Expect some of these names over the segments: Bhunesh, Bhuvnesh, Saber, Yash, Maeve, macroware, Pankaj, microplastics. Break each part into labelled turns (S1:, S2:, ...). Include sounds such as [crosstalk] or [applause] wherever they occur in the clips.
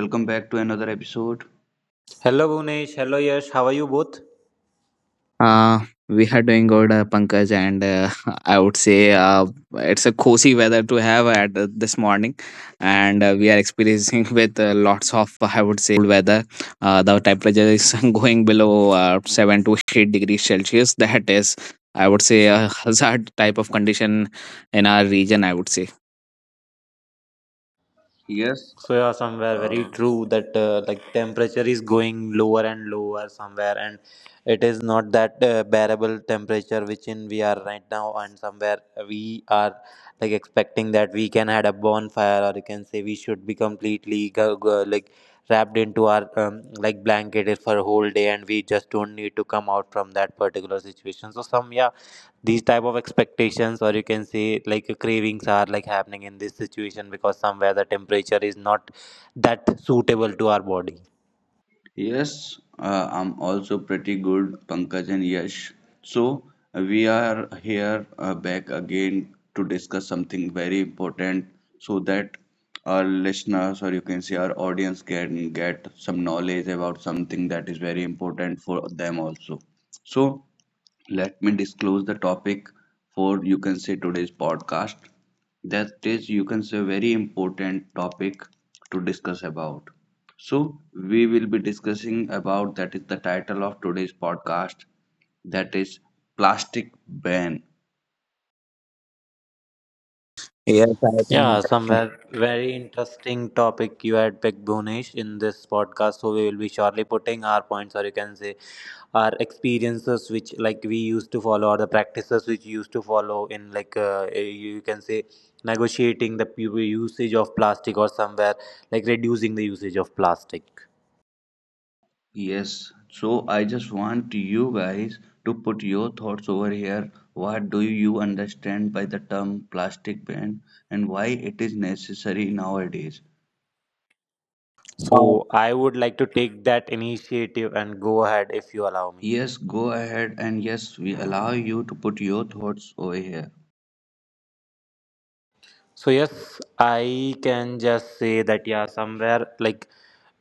S1: welcome back to another episode.
S2: Hello Bhunesh, hello Yash, how are you both?
S3: Uh, we are doing good, Pankaj, and [laughs] I would say it's a cozy weather to have at this morning, and we are experiencing [laughs] with lots of, I would say, cold weather. The temperature is [laughs] going below 7 to 8 degrees Celsius. [laughs] That is, I would say, a hazard type of condition in our region, I would say.
S1: Yes,
S2: So yeah, somewhere very
S1: uh,
S2: true that like temperature is going lower and lower somewhere, and it is not that bearable temperature which in we are right now, and somewhere we are like expecting that we can had a bonfire or you can say we should be completely like wrapped into our like blanket for a whole day, and we just don't need to come out from that particular situation. So some yeah these type of expectations or you can say like cravings are like happening in this situation because somewhere the temperature is not that suitable to our body.
S1: yes, I'm also pretty good, Pankaj and Yash. So we are here back again to discuss something very important, so that our listeners or, you can say, our audience can get some knowledge about something that is very important for them also. So let me disclose the topic for, you can say, today's podcast, that is, you can say, very important topic to discuss about. So we will be discussing about, that is the title of today's podcast, that is plastic ban.
S3: Yes, I
S2: Yeah,
S3: think.
S2: somewhere very interesting topic you had picked Bhunesh in this podcast, so we will be surely putting our points or you can say our experiences which like we used to follow, or the practices which we used to follow in like you can say negotiating the usage of plastic or somewhere like reducing the usage of plastic.
S1: Yes, so I just want you guys to put your thoughts over here. What do you understand by the term plastic ban, and why it is necessary nowadays?
S2: So I would like to take that initiative and go ahead if you allow me.
S1: Yes, go ahead, and yes, we allow you to put your thoughts over here.
S2: So yes, I can just say that yeah, somewhere like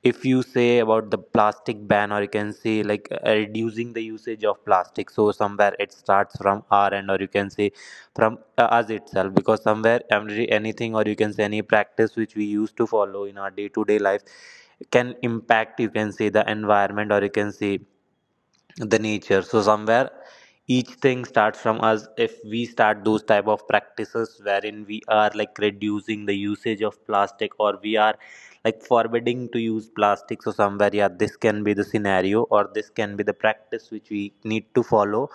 S2: if you say about the plastic ban or you can say like reducing the usage of plastic. So somewhere it starts from our end or you can say from us itself, because somewhere every anything or you can say any practice which we used to follow in our day to day life can impact you can say the environment or you can say the nature. So somewhere each thing starts from us if we start those type of practices wherein we are like reducing the usage of plastic or we are like forbidding to use plastic. So somewhere yeah this can be the scenario or this can be the practice which we need to follow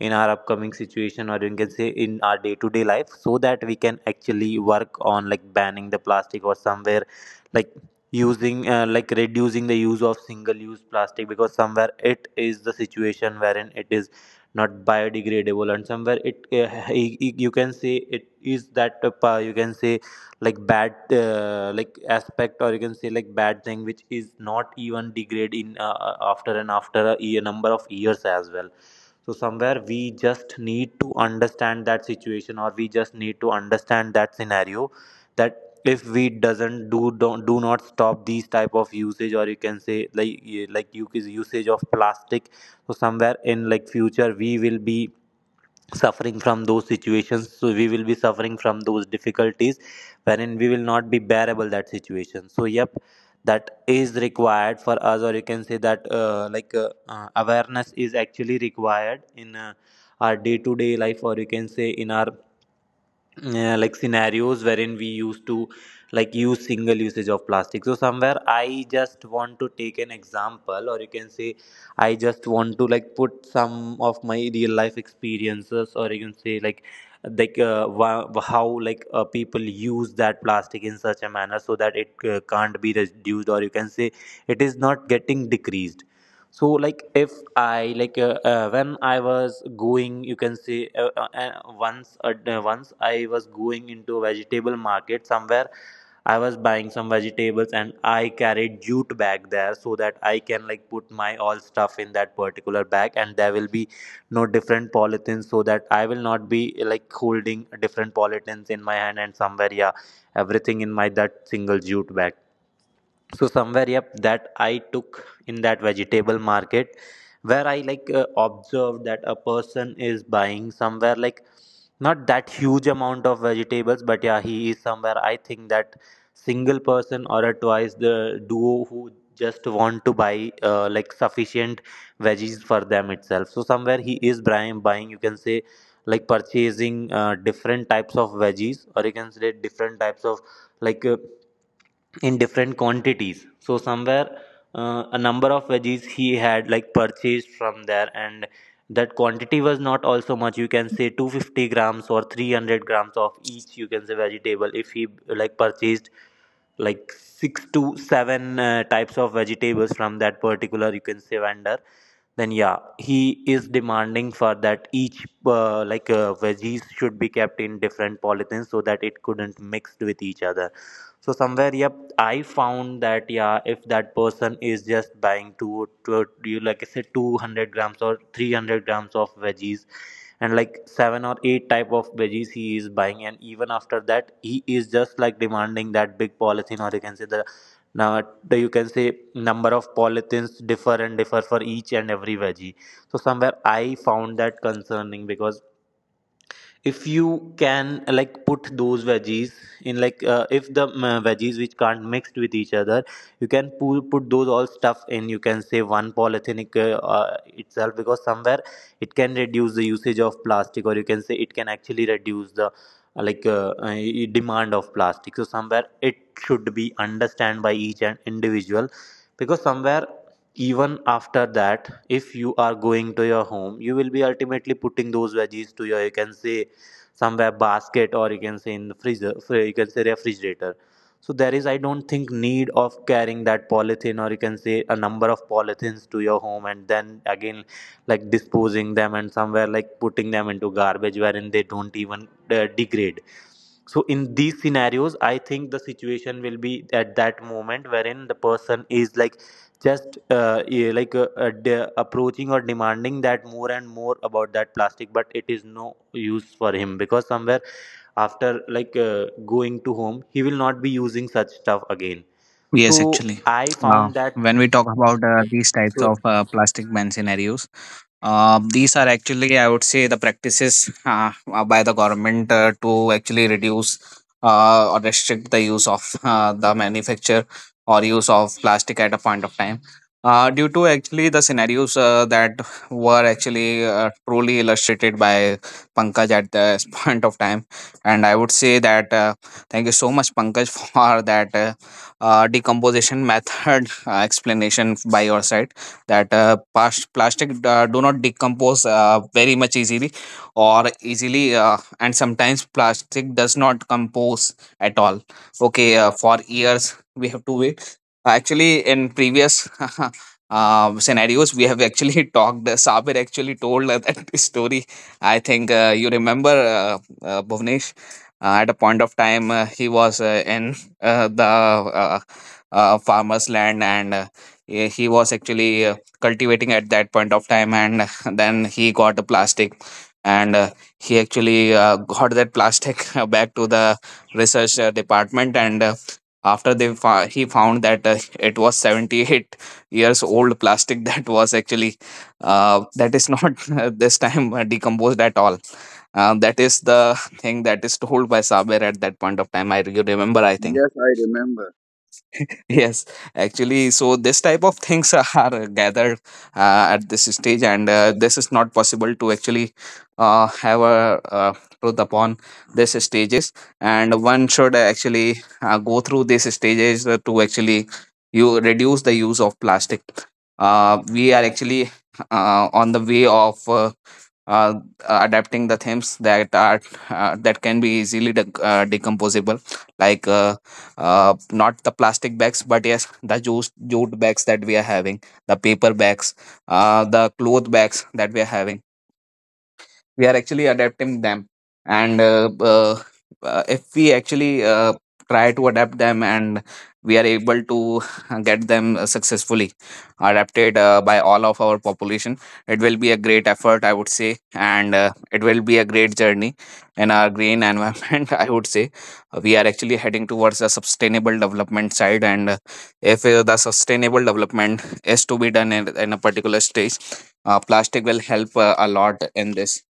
S2: in our upcoming situation or you can say in our day to day life, so that we can actually work on like banning the plastic or somewhere like using like reducing the use of single use plastic, because somewhere it is the situation wherein it is not biodegradable and somewhere it [laughs] you can say it is that you can say like bad like aspect, or you can say like bad thing which is not even degrade in after and after a year, number of years as well. So somewhere we just need to understand that situation or we just need to understand that scenario, that if we doesn't do don't do not stop these type of usage or you can say like yeah, like you usage of plastic, so somewhere in like future we will be suffering from those situations, so we will be suffering from those difficulties wherein we will not be bearable that situation. So yep, that is required for us or you can say that awareness is actually required in our day to day life or you can say in our like scenarios wherein we used to like use single usage of plastic. So somewhere I just want to take an example or you can say I just want to like put some of my real life experiences or you can say like how like people use that plastic in such a manner so that it can't be reduced or you can say it is not getting decreased. So like if I like when I was going you can say once once I was going into a vegetable market, somewhere I was buying some jewels and I carried jute bag there so that I can like put my all stuff in that particular bag and there will be no different polythene, so that I will not be like holding different polythenes in my hand and somewhere yeah everything in my that single jute bag. So somewhere yep, that I took in that vegetable market where I like observed that a person is buying somewhere like not that huge amount of vegetables, but yeah he is somewhere I think that single person or a twice the duo who just want to buy like sufficient veggies for them itself. So somewhere he is buying you can say like purchasing different types of veggies or you can say different types of like in different quantities. So somewhere a number of veggies he had like purchased from there and that quantity was not also much, you can say 250 grams or 300 grams of each you can say vegetable. If he like purchased like six to seven types of vegetables from that particular you can say vendor, then yeah he is demanding for that each veggies should be kept in different polythene so that it couldn't mixed with each other. So somewhere yep I found that, yeah if that person is just buying two, two you like I said 200 grams or 300 grams of veggies and like seven or eight type of veggies he is buying, and even after that he is just like demanding that big polythene or you can say the now, you can say number of polythins differ and differ for each and every veggie. So somewhere I found that concerning, because if you can like put those veggies in like if the veggies which can't mixed with each other, you can put those all stuff in you can say one polythenic itself, because somewhere it can reduce the usage of plastic or you can say it can actually reduce the like uh, uh, demand of plastic. So somewhere it should be understand by each and individual, because somewhere even after that if you are going to your home, you will be ultimately putting those veggies to your you can say somewhere basket or you can say in the freezer you can say refrigerator. So there is I don't think need of carrying that polythene or you can say a number of polythenes to your home and then again like disposing them and somewhere like putting them into garbage wherein they don't even degrade. So in these scenarios, I think the situation will be at that moment wherein the person is like just yeah, like approaching or demanding that more and more about that plastic, but it is no use for him, because somewhere after like going to home, he will not be using such stuff again.
S3: Yes,
S2: So
S3: actually.
S2: I
S3: Uh,
S2: found that.
S3: when we talk about these types
S2: So,
S3: of plastic ban scenarios, these are actually, I would say, the practices by the government to actually reduce or restrict the use of the manufacture or use of plastic at a point of time. Due to actually the scenarios that were actually truly illustrated by Pankaj at this [laughs] point of time. And I would say that thank you so much, Pankaj, [laughs] for that decomposition method explanation by your side, that plastic do not decompose very much easily or easily, and sometimes plastic does not compose at all. Okay, for years we have to wait. Actually, in previous [laughs] scenarios we have actually [laughs] talked. Sabir actually told that [laughs] story, I think. You remember, Bhuvnesh, at a point of time. He was in the uh, farmer's land, and he was actually cultivating at that point of time, and [laughs] then he got a plastic, and he actually got that plastic [laughs] back to the research department. And after he found that it was 78 years old plastic [laughs] that was actually that is not [laughs] this time decomposed at all. That is the [laughs] thing that is told by Saber at that point of time. Remember, I think.
S1: Yes, I remember.
S3: [laughs] Yes, actually, so this type of things [laughs] are gathered at this stage, and this is not possible to actually have a truth upon these stages. And one should actually go through these stages to actually you reduce the use of plastic. We are actually on the way of uh, adapting the themes that are that can be easily decomposable, like. Not the plastic bags, but yes, the jute bags that we are having, the paper bags, the cloth bags that we are having, we are actually adapting them. And if we actually try to adapt them and we are able to [laughs] get them successfully adapted by all of our population, it will be a great effort, I would say. And it will be a great journey in our green environment, [laughs] I would say. We are actually heading towards the sustainable development side. And if the sustainable development is to be done in a particular stage, plastic will help a lot in this.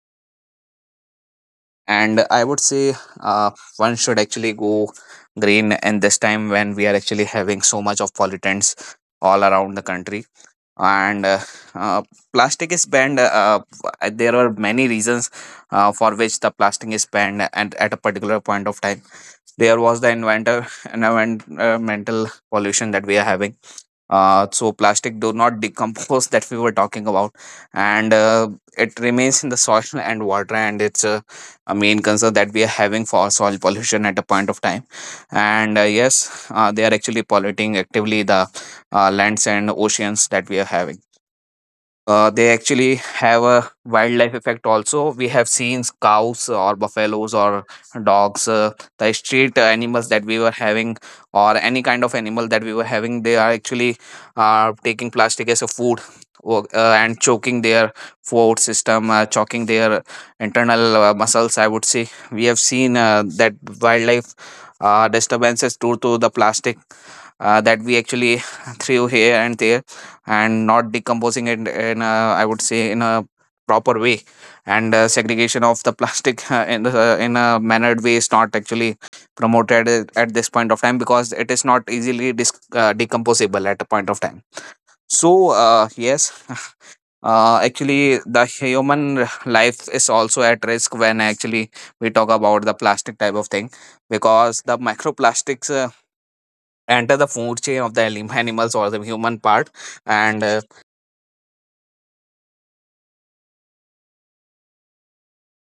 S3: And I would say uh, one should actually go green in this time, when we are actually having so much of pollutants all around the country. And uh, plastic is banned. There are many reasons for which the plastic is banned, and at a particular point of time, there was the inventor environmental pollution that we are having. So plastic do not decompose, [laughs] that we were talking about, and it remains in the soil [laughs] and water. And it's a main concern that we are having for soil pollution at a point of time. And yes, they are actually polluting actively the lands and oceans that we are having. They actually have a wildlife effect also. We have seen cows or buffaloes or dogs, the street animals that we were having, or any kind of animal that we were having, they are actually taking plastic as a food and choking their food system, choking their internal muscles, I would say. We have seen that wildlife disturbances due to the plastic that we actually [laughs] threw here and there and not decomposing it in a, I would say, in a proper way. And segregation of the plastic [laughs] in the, in a mannered way is not actually promoted at this point of time, because it is not easily decomposable at a point of time. So yes, [laughs] actually the human life is also at risk when actually we talk about the plastic type of thing, because the microplastics enter the food chain of the animals or the human part, and uh,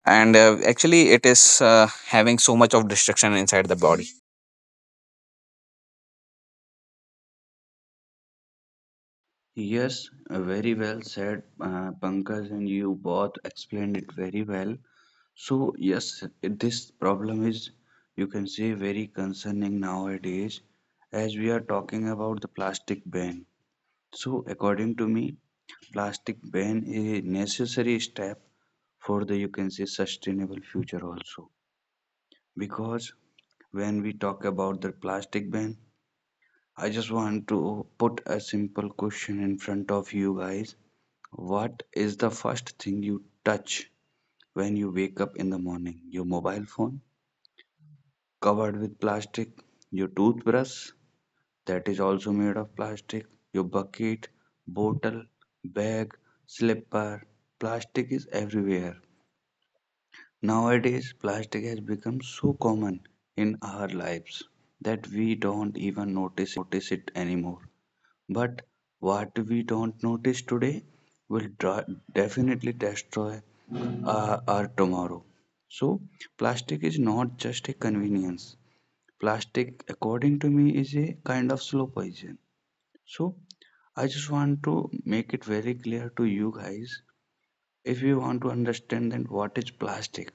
S3: and uh, actually it is having so much of destruction inside the body.
S1: Yes, very well said, Pankaj, and you both explained it very well. So yes, this problem is, you can say, very concerning nowadays as we are talking about the plastic ban. So according to me, plastic ban is a necessary step for the, you can say, sustainable future also. Because when we talk about the plastic ban, I just want to put a simple question in front of you guys. What is the first thing you touch when you wake up in the morning? Your mobile phone covered with plastic, your toothbrush that is also made of plastic, your bucket, bottle, bag, slipper. Plastic is everywhere. Nowadays, plastic has become so common in our lives that we don't even notice it anymore. But what we don't notice today will definitely destroy our tomorrow. So plastic is not just a convenience. Plastic, according to me, is a kind of slow poison. So I just want to make it very clear to you guys. If you want to understand then what is plastic.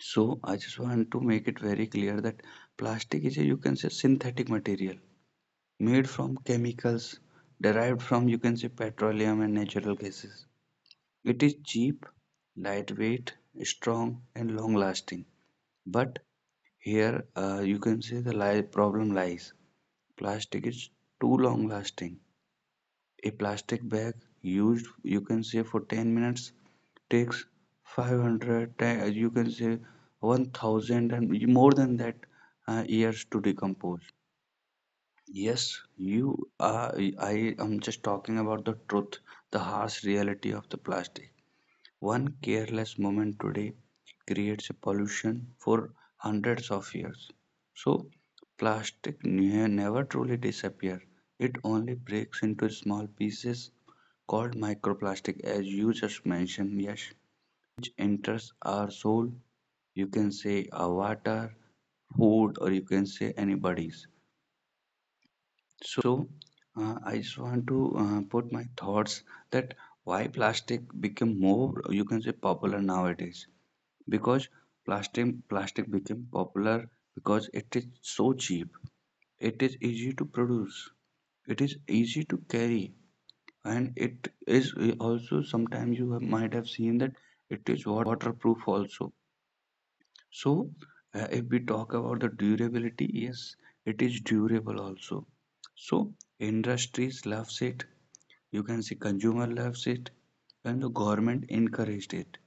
S1: So I just want to make it very clear that plastic is a, you can say, synthetic material made from chemicals derived from, you can say, petroleum and natural gases. It is cheap, lightweight, strong and long lasting, but here, you can say, the problem lies. Plastic is too long lasting. A plastic bag used, you can say, for 10 minutes takes 500 you can say 1000 and more than that years to decompose. Yes, you are. I am just talking about the truth, the harsh reality of the plastic. One careless moment today creates a pollution for hundreds of years. So plastic never truly disappears. It only breaks into small pieces called microplastic, as you just mentioned, Yash, which enters our soul. You can say our water, food, or you can say anybody's. So I just want to put my thoughts that why plastic became more, you can say, popular nowadays, because plastic became popular because it is so cheap, it is easy to produce, it is easy to carry, and it is also sometimes you have, might have seen, that it is waterproof also. So if we talk about the durability, yes, it is durable also. So industries loves it, you can see, consumer loves it, and the government encouraged it.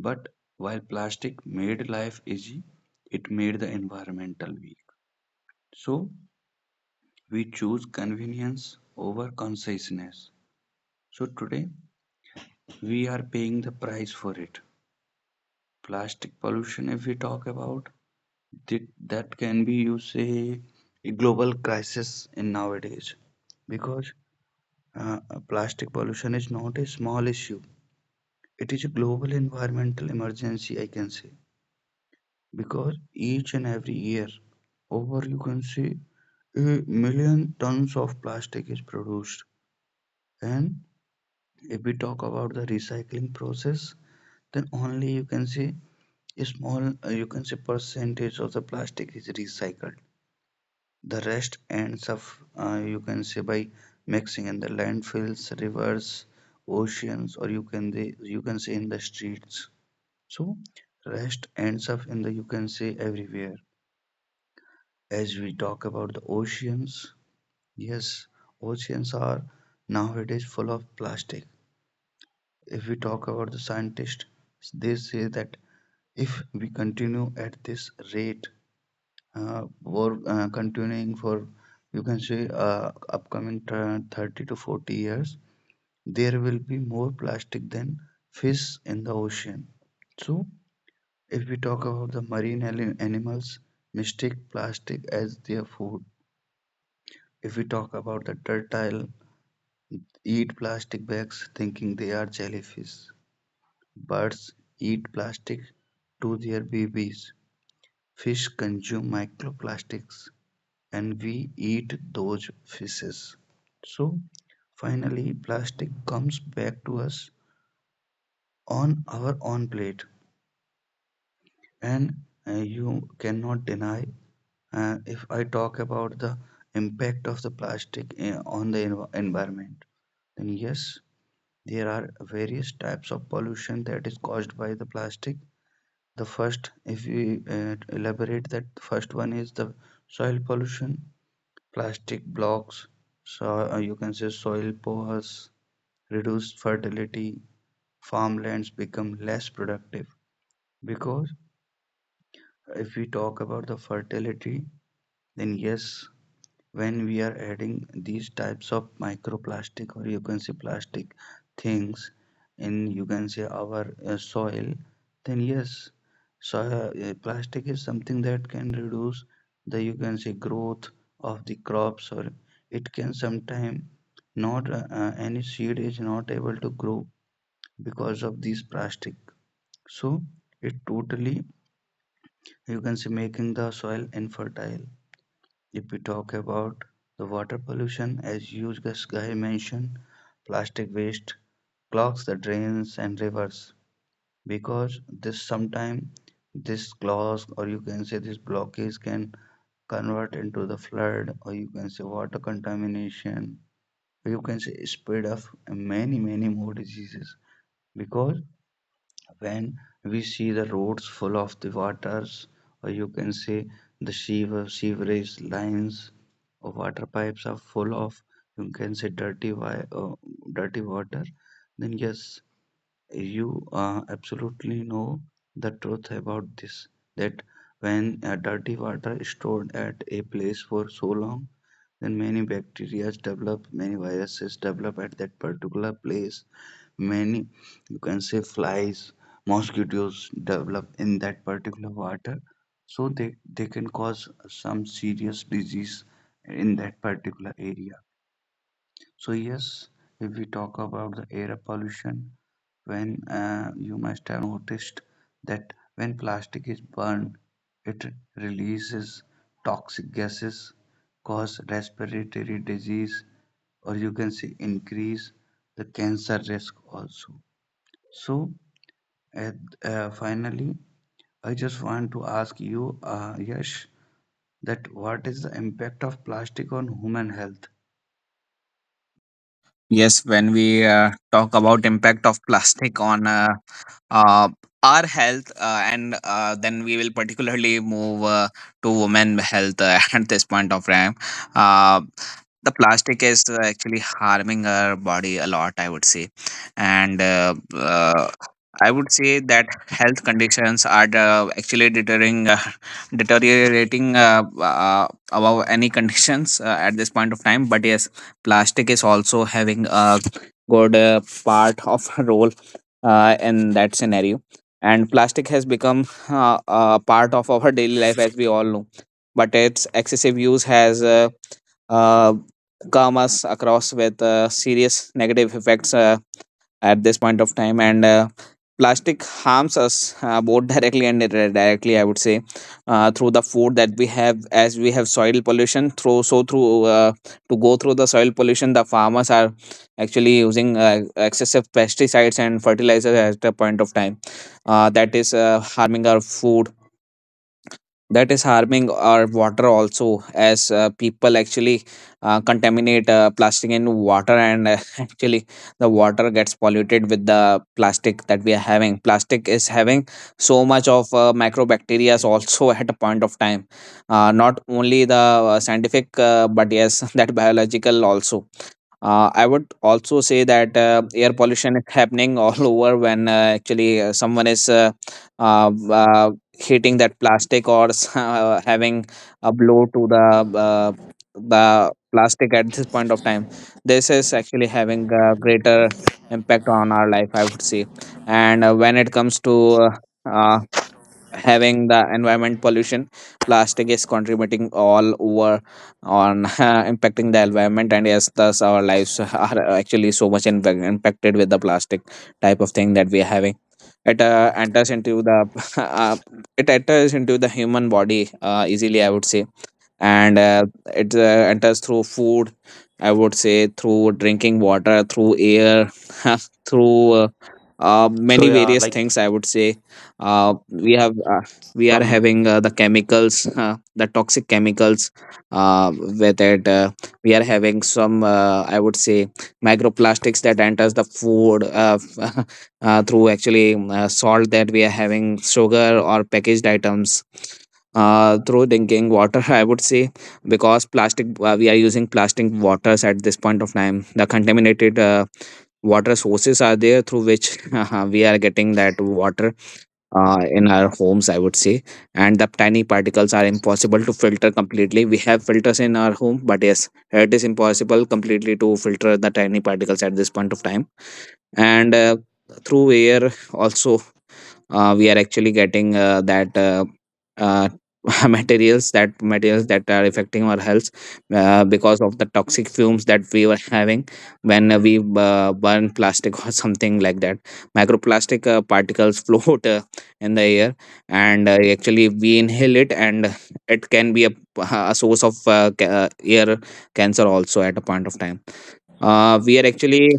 S1: But while plastic made life easy, it made the environmental weak. So we choose convenience over consciousness. So today we are paying the price for it. Plastic pollution, if we talk about that, that can be, you say, a global crisis in nowadays, because plastic pollution is not a small issue. It is a global environmental emergency, I can say, because each and every year over, you can see, a million tons of plastic is produced. And if we talk about the recycling process, then only, you can see, a small you can say percentage of the plastic is recycled. The rest ends up, you can say, by mixing in the landfills, rivers, oceans, or you can, they, you can say in the streets. So rest ends up in the, you can say, everywhere. As we talk about the oceans, yes, oceans are nowadays full of plastic. If we talk about the scientists, they say that if we continue at this rate, or continuing for, you can say, upcoming 30 to 40 years, there will be more plastic than fish in the ocean. So if we talk about the marine animals, mistake plastic as their food. If we talk about the turtle, eat plastic bags thinking they are jellyfish. Birds eat plastic to their babies. Fish consume microplastics and we eat those fishes. So finally, plastic comes back to us on our own plate, and you cannot deny. If I talk about the impact of the plastic on the environment, then yes, there are various types of pollution that is caused by the plastic. The first, if we elaborate that, the first one is the soil pollution. Plastic blocks, so you can say soil pores, reduced fertility, farmlands become less productive. Because if we talk about the fertility, then yes, when we are adding these types of microplastic, or you can say plastic things in, you can say, our soil, then yes, so plastic is something that can reduce the, you can say, growth of the crops, or it can sometime not any seed is not able to grow because of these plastic. So it totally, you can say, making the soil infertile. If we talk about the water pollution, as Yusgai mentioned, plastic waste clogs the drains and rivers, because this sometime this clogs, or you can say this blockage, can convert into the flood, or you can say water contamination, or you can say spread of many, many more diseases. Because when we see the roads full of the waters, or you can say the sewer, sewerage lines or water pipes are full of, you can say, dirty dirty water, then yes, you absolutely know the truth about this, that when dirty water is stored at a place for so long, then many bacteria develop, many viruses develop at that particular place, many, you can say, flies, mosquitoes develop in that particular water. So they can cause some serious disease in that particular area. So yes, if we talk about the air pollution, when you must have noticed that when plastic is burned, it releases toxic gases, cause respiratory disease, or you can say increase the cancer risk also. So at, finally, I just want to ask you, Yash, that what is the impact of plastic on human health?
S3: Yes, when we talk about impact of plastic on uh, our health, and then we will particularly move to women health [laughs] at this point of time. Uh, the plastic is actually harming our body a lot, I would say. And I would say that health conditions are actually deterring, [laughs] deteriorating above any conditions at this point of time. But yes, plastic is also having a good part of [laughs] role in that scenario. And plastic has become a part of our daily life, as we all know, but its excessive use has uh, come us across with serious negative effects at this point of time. And plastic harms us both directly and indirectly, I would say, through the food that we have. As we have soil pollution, through, so through to go through the soil pollution, the farmers are actually using excessive pesticides and fertilizers at a point of time, that is harming our food. That is harming our water also, as people actually contaminate plastic in water, and [laughs] actually the water gets polluted with the plastic that we are having. Plastic is having so much of microbacteria also [laughs] at a point of time, not only the scientific, but yes, [laughs] that biological also. I would also say that air pollution is happening all [laughs] over, when actually someone is uh, uh, hitting that plastic or [laughs] having a blow to the plastic at this point of time. This is actually having a greater impact on our life, I would say. And when it comes to uh, having the environment pollution, plastic is contributing all over on [laughs] impacting the environment. And yes, thus our lives are actually so much in, impacted with the plastic type of thing that we are having. It enters into the [laughs] uh, it enters into the human body easily, I would say. And it enters through food, I would say, through drinking water, through air, [laughs] through
S2: so
S3: many
S2: yeah,
S3: various
S2: like
S3: things, I would say. Uh, we have uh, we are
S2: some.
S3: having the chemicals, the toxic chemicals uh, with it. We are having some, I would say, microplastics that enters the food [laughs] through actually salt that we are having, sugar or packaged items, through drinking water, [laughs] I would say, because plastic we are using plastic waters at this point of time. The contaminated water sources are there, through which [laughs] we are getting that water in our homes, I would say. And the tiny particles are impossible to filter completely. We have filters in our home, but yes, it is impossible completely to filter the tiny particles at this point of time. And through air also, we are actually getting that uh, [laughs] materials that are affecting our health, because of the toxic fumes that we were having when we burn plastic, [laughs] or something like that. Microplastic particles [laughs] float in the air, and actually we inhale it, and it can be a source of ear cancer also at a point of time. We are actually,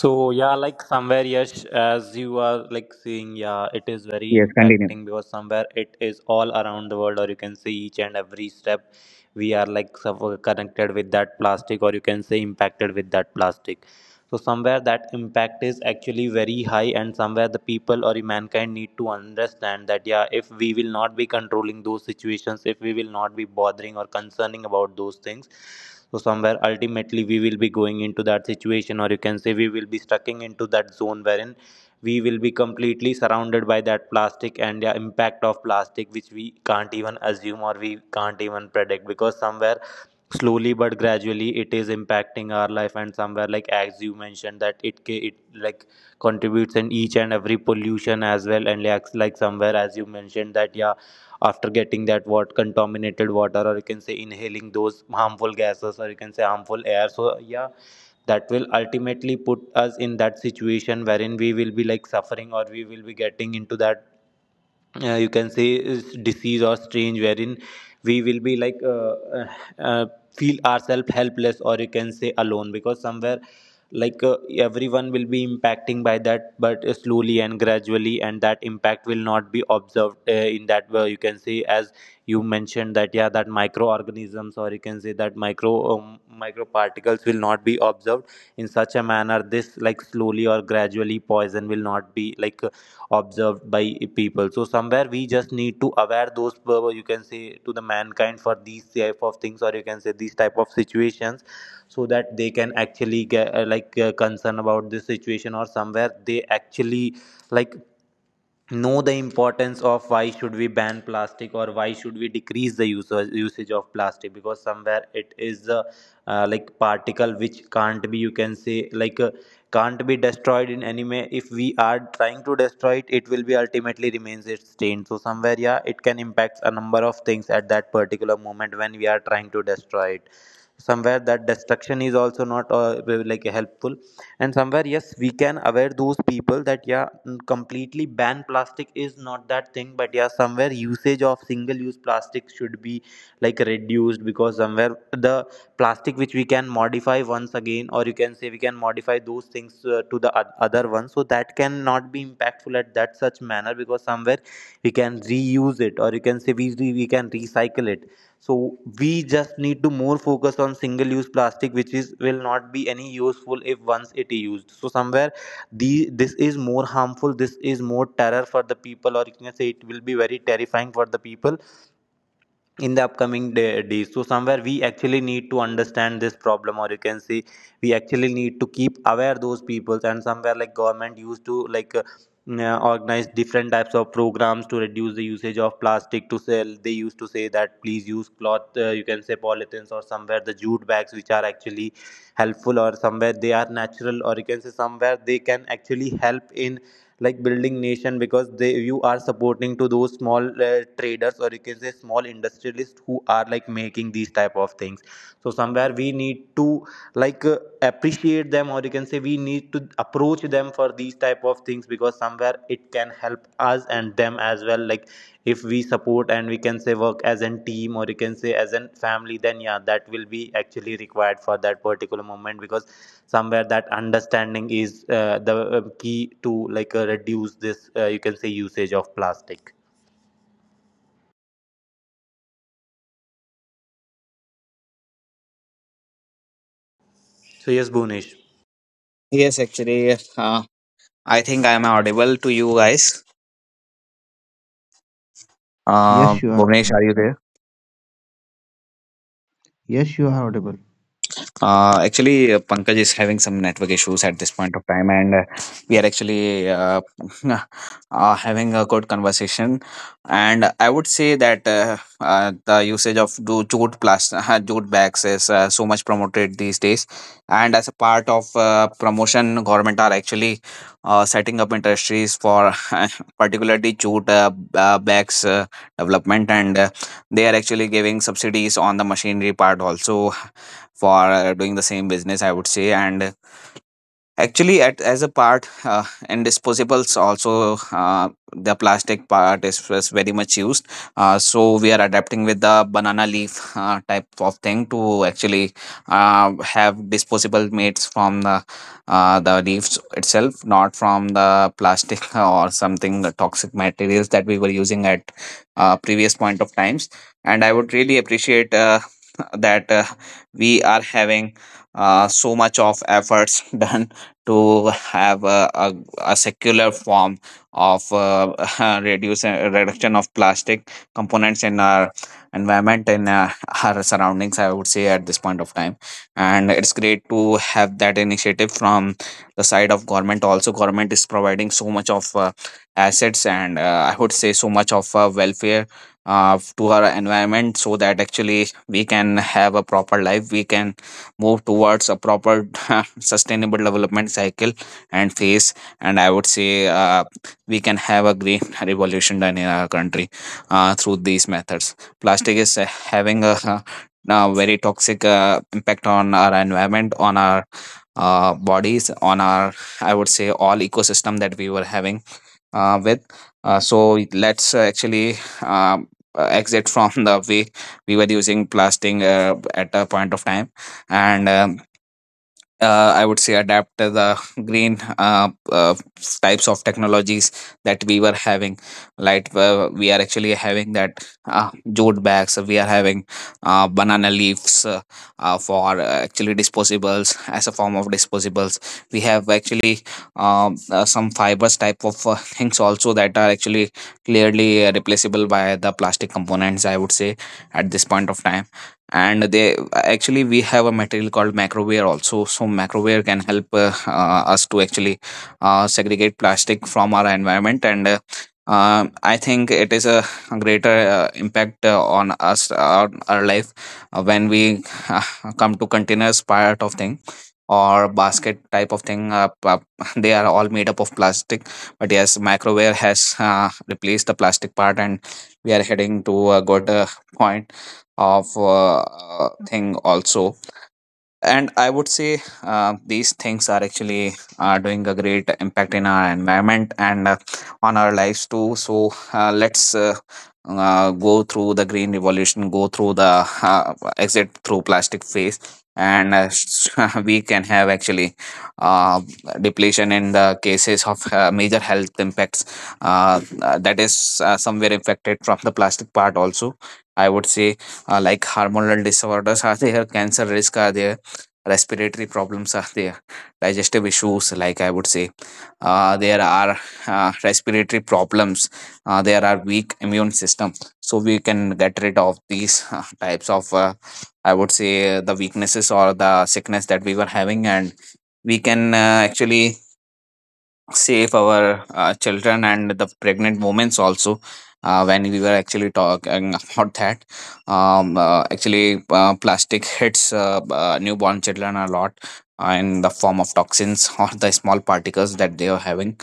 S2: So yeah, like somewhere yes, as you are like seeing, yeah, it is very
S3: yes, continue.
S2: impacting because somewhere it is all around the world, or you can say each and every step we are like connected with that plastic, or you can say impacted with that plastic. So somewhere that impact is actually very high and somewhere the people or the mankind need to understand that yeah if we will not be controlling those situations, if we will not be bothering or concerning about those things, so somewhere ultimately we will be going into that situation or you can say we will be stucking into that zone wherein we will be completely surrounded by that plastic and the impact of plastic which we can't even assume or we can't even predict, because somewhere slowly but gradually it is impacting our life. And somewhere like as you mentioned that it like contributes in each and every pollution as well, and like somewhere as you mentioned that yeah after getting that what contaminated water or you can say inhaling those harmful gases or you can say harmful air, so yeah that will ultimately put us in that situation wherein we will be like suffering or we will be getting into that you can say is disease or strange wherein we will be like uh, feel ourselves helpless or you can say alone, because somewhere like everyone will be impacting by that, but slowly and gradually, and that impact will not be observed in that way, you can say as you mentioned that yeah that microorganisms or you can say that micro microparticles will not be observed in such a manner. This like slowly or gradually poison will not be like observed by people, so somewhere we just need to aware those you can say to the mankind for these type of things or you can say these type of situations, so that they can actually get concern about this situation, or somewhere they actually like know the importance of why should we ban plastic or why should we decrease the use usage of plastic, because somewhere it is like particle which can't be you can say like can't be destroyed in any way. If we are trying to destroy it, it will be ultimately remains its stain. So somewhere yeah it can impact a number of things at that particular moment when we are trying to destroy it. Somewhere that destruction is also not like helpful, and somewhere yes we can aware those people that yeah, completely ban plastic is not that thing, but yeah somewhere usage of single use plastic should be like reduced, because somewhere the plastic which we can modify once again or you can say we can modify those things to the other one, so that can not be impactful at that such manner, because somewhere we can reuse it or you can say we can recycle it. So we just need to more focus on single use plastic which is will not be any useful if once it is used, so somewhere the this is more harmful, this is more terror for the people or you can say it will be very terrifying for the people in the upcoming days. So somewhere we actually need to understand this problem or you can say we actually need to keep aware those peoples, and somewhere like government used to like organize different types of programs to reduce the usage of plastic. To sell, they used to say that please use cloth you can say polythenes or somewhere the jute bags which are actually helpful, or somewhere they are natural or you can say somewhere they can actually help in like building nation, because they you are supporting to those small traders or you can say small industrialists who are like making these type of things. So somewhere we need to like appreciate them or you can say we need to approach them for these type of things, because somewhere it can help us and them as well. Like if we support and we can say work as a team or you can say as a family, then yeah that will be actually required for that particular moment, because somewhere that understanding is the key to like reduce this you can say usage of plastic. So yes Bhunesh,
S3: Yes, actually, I think I am audible to you guys. Uh,
S1: Yes, you are.
S3: Bhuvnesh, are you there?
S1: Yes, you are audible.
S3: Actually, Pankaj is having some network issues at this point of time, and we are actually [laughs] having a good conversation. And I would say that the usage of jute plastic, [laughs] jute bags is so much promoted these days. And as a part of promotion, government are actually setting up industries for [laughs] particularly jute bags development, and they are actually giving subsidies on the machinery part also for doing the same business, I would say. And Actually, at as a part in disposables, also the plastic part is very much used. So we are adapting with the banana leaf type of thing to actually have disposable mates from the leaves itself, not from the plastic or something, the toxic materials that we were using at previous point of times. And I would really appreciate [laughs] that we are having so much of efforts [laughs] done to have a secular form of [laughs] reduce reduction of plastic components in our environment, in our surroundings, I would say, at this point of time. And it's great to have that initiative from the side of government also. Government is providing so much of assets and I would say so much of welfare to our environment, so that actually we can have a proper life, we can move towards a proper [laughs] sustainable development cycle and phase, and I would say we can have a green [laughs] revolution done in our country through these methods. Plastic is having a, [laughs] now very toxic impact on our environment, on our bodies, on our, I would say, all ecosystem that we were having with. So let's actually um, exit [laughs] from the way we were using plastic at a point of time, and I would say adapt to the green types of technologies that we were having. Like we are actually having that jute bags. We are having banana leaves for actually disposables as a form of disposables. We have actually some fibers type of things also that are actually clearly replaceable by the plastic components, I would say, at this point of time. And they actually, we have a material called macroware also. So macroware can help us to actually segregate plastic from our environment and I think it is a greater impact on us, our life, when we uh, come to containers part of thing or basket type of thing. [laughs] They are all made up of plastic, but yes, microware has replaced the plastic part, and we are heading to a good point of thing also. And I would say these things are actually doing a great impact in our environment and on our lives too. So let's go through the green revolution, go through the exit through plastic phase, and [laughs] we can have actually uh, depletion in the cases of major health impacts that is somewhere affected from the plastic part also, I would say. Like hormonal disorders are [laughs] there, cancer risk are there, respiratory problems are there, digestive issues. Like, I would say, there are respiratory problems, there are weak immune system. So we can get rid of these types of I would say the weaknesses or the sickness that we were having, and we can actually save our children and the pregnant women also. When we were actually talking about that, actually plastic hits newborn children a lot in the form of toxins [laughs] or the small particles that they are having.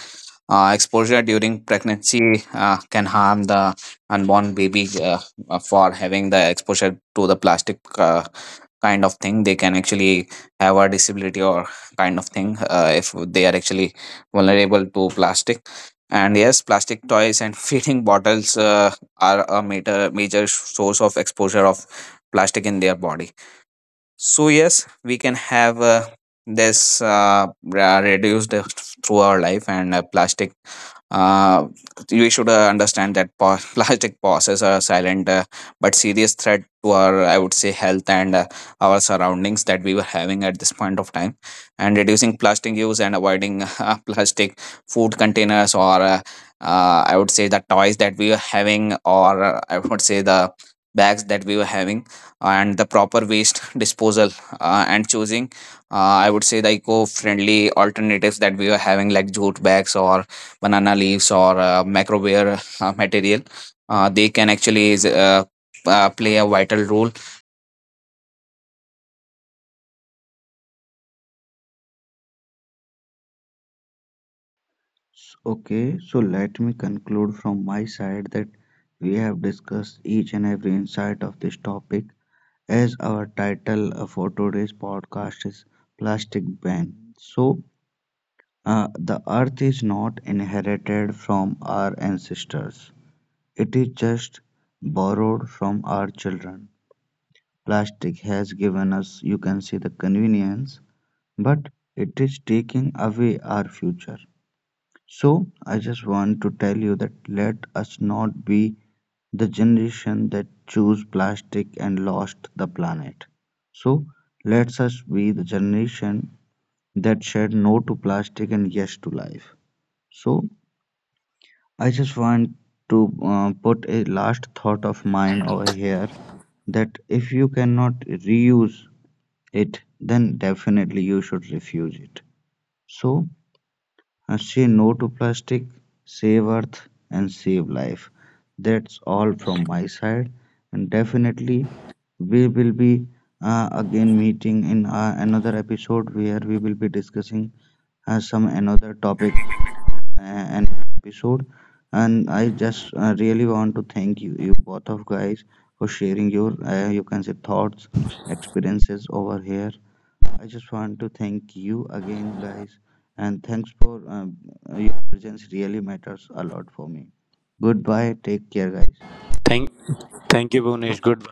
S3: Exposure during pregnancy can harm the unborn baby for having the exposure to the plastic kind of thing. They can actually have a disability or kind of thing if they are actually vulnerable to plastic. And yes, plastic toys and [laughs] feeding bottles are a major, major source of exposure of plastic in their body. So yes, we can have this reduced through our life and plastic. Uh, we should understand that [laughs] plastic pauses are a silent but serious threat to our, I would say, health and our surroundings that we were having at this point of time. And reducing plastic use and avoiding [laughs] plastic food containers or I would say the toys that we were having or I would say the bags that we were having and the proper waste disposal and choosing I would say the eco-friendly alternatives that we are having, like jute bags or banana leaves or microware material, they can actually play a vital role
S1: Okay, so let me conclude from my side that we have discussed each and every insight of this topic, as our title for today's podcast is Plastic Ban. So the earth is not inherited from our ancestors. It is just borrowed from our children. Plastic has given us, you can say, the convenience, but it is taking away our future. So I just want to tell you that let us not be the generation that choose plastic and lost the planet. So let us be the generation that said no to plastic and yes to life. So I just want to put a last thought of mine over here, that if you cannot reuse it, then definitely you should refuse it. So say no to plastic, save earth, and save life. That's all from my side, and definitely we will be again meeting in another episode where we will be discussing some another topic an episode. And I just really want to thank you, you both of guys, for sharing your, you can say, thoughts, experiences over here. I just want to thank you again, guys, and thanks for your presence. Really matters a lot for me. Goodbye. Take care, guys.
S2: thank thank you Bhunesh, good.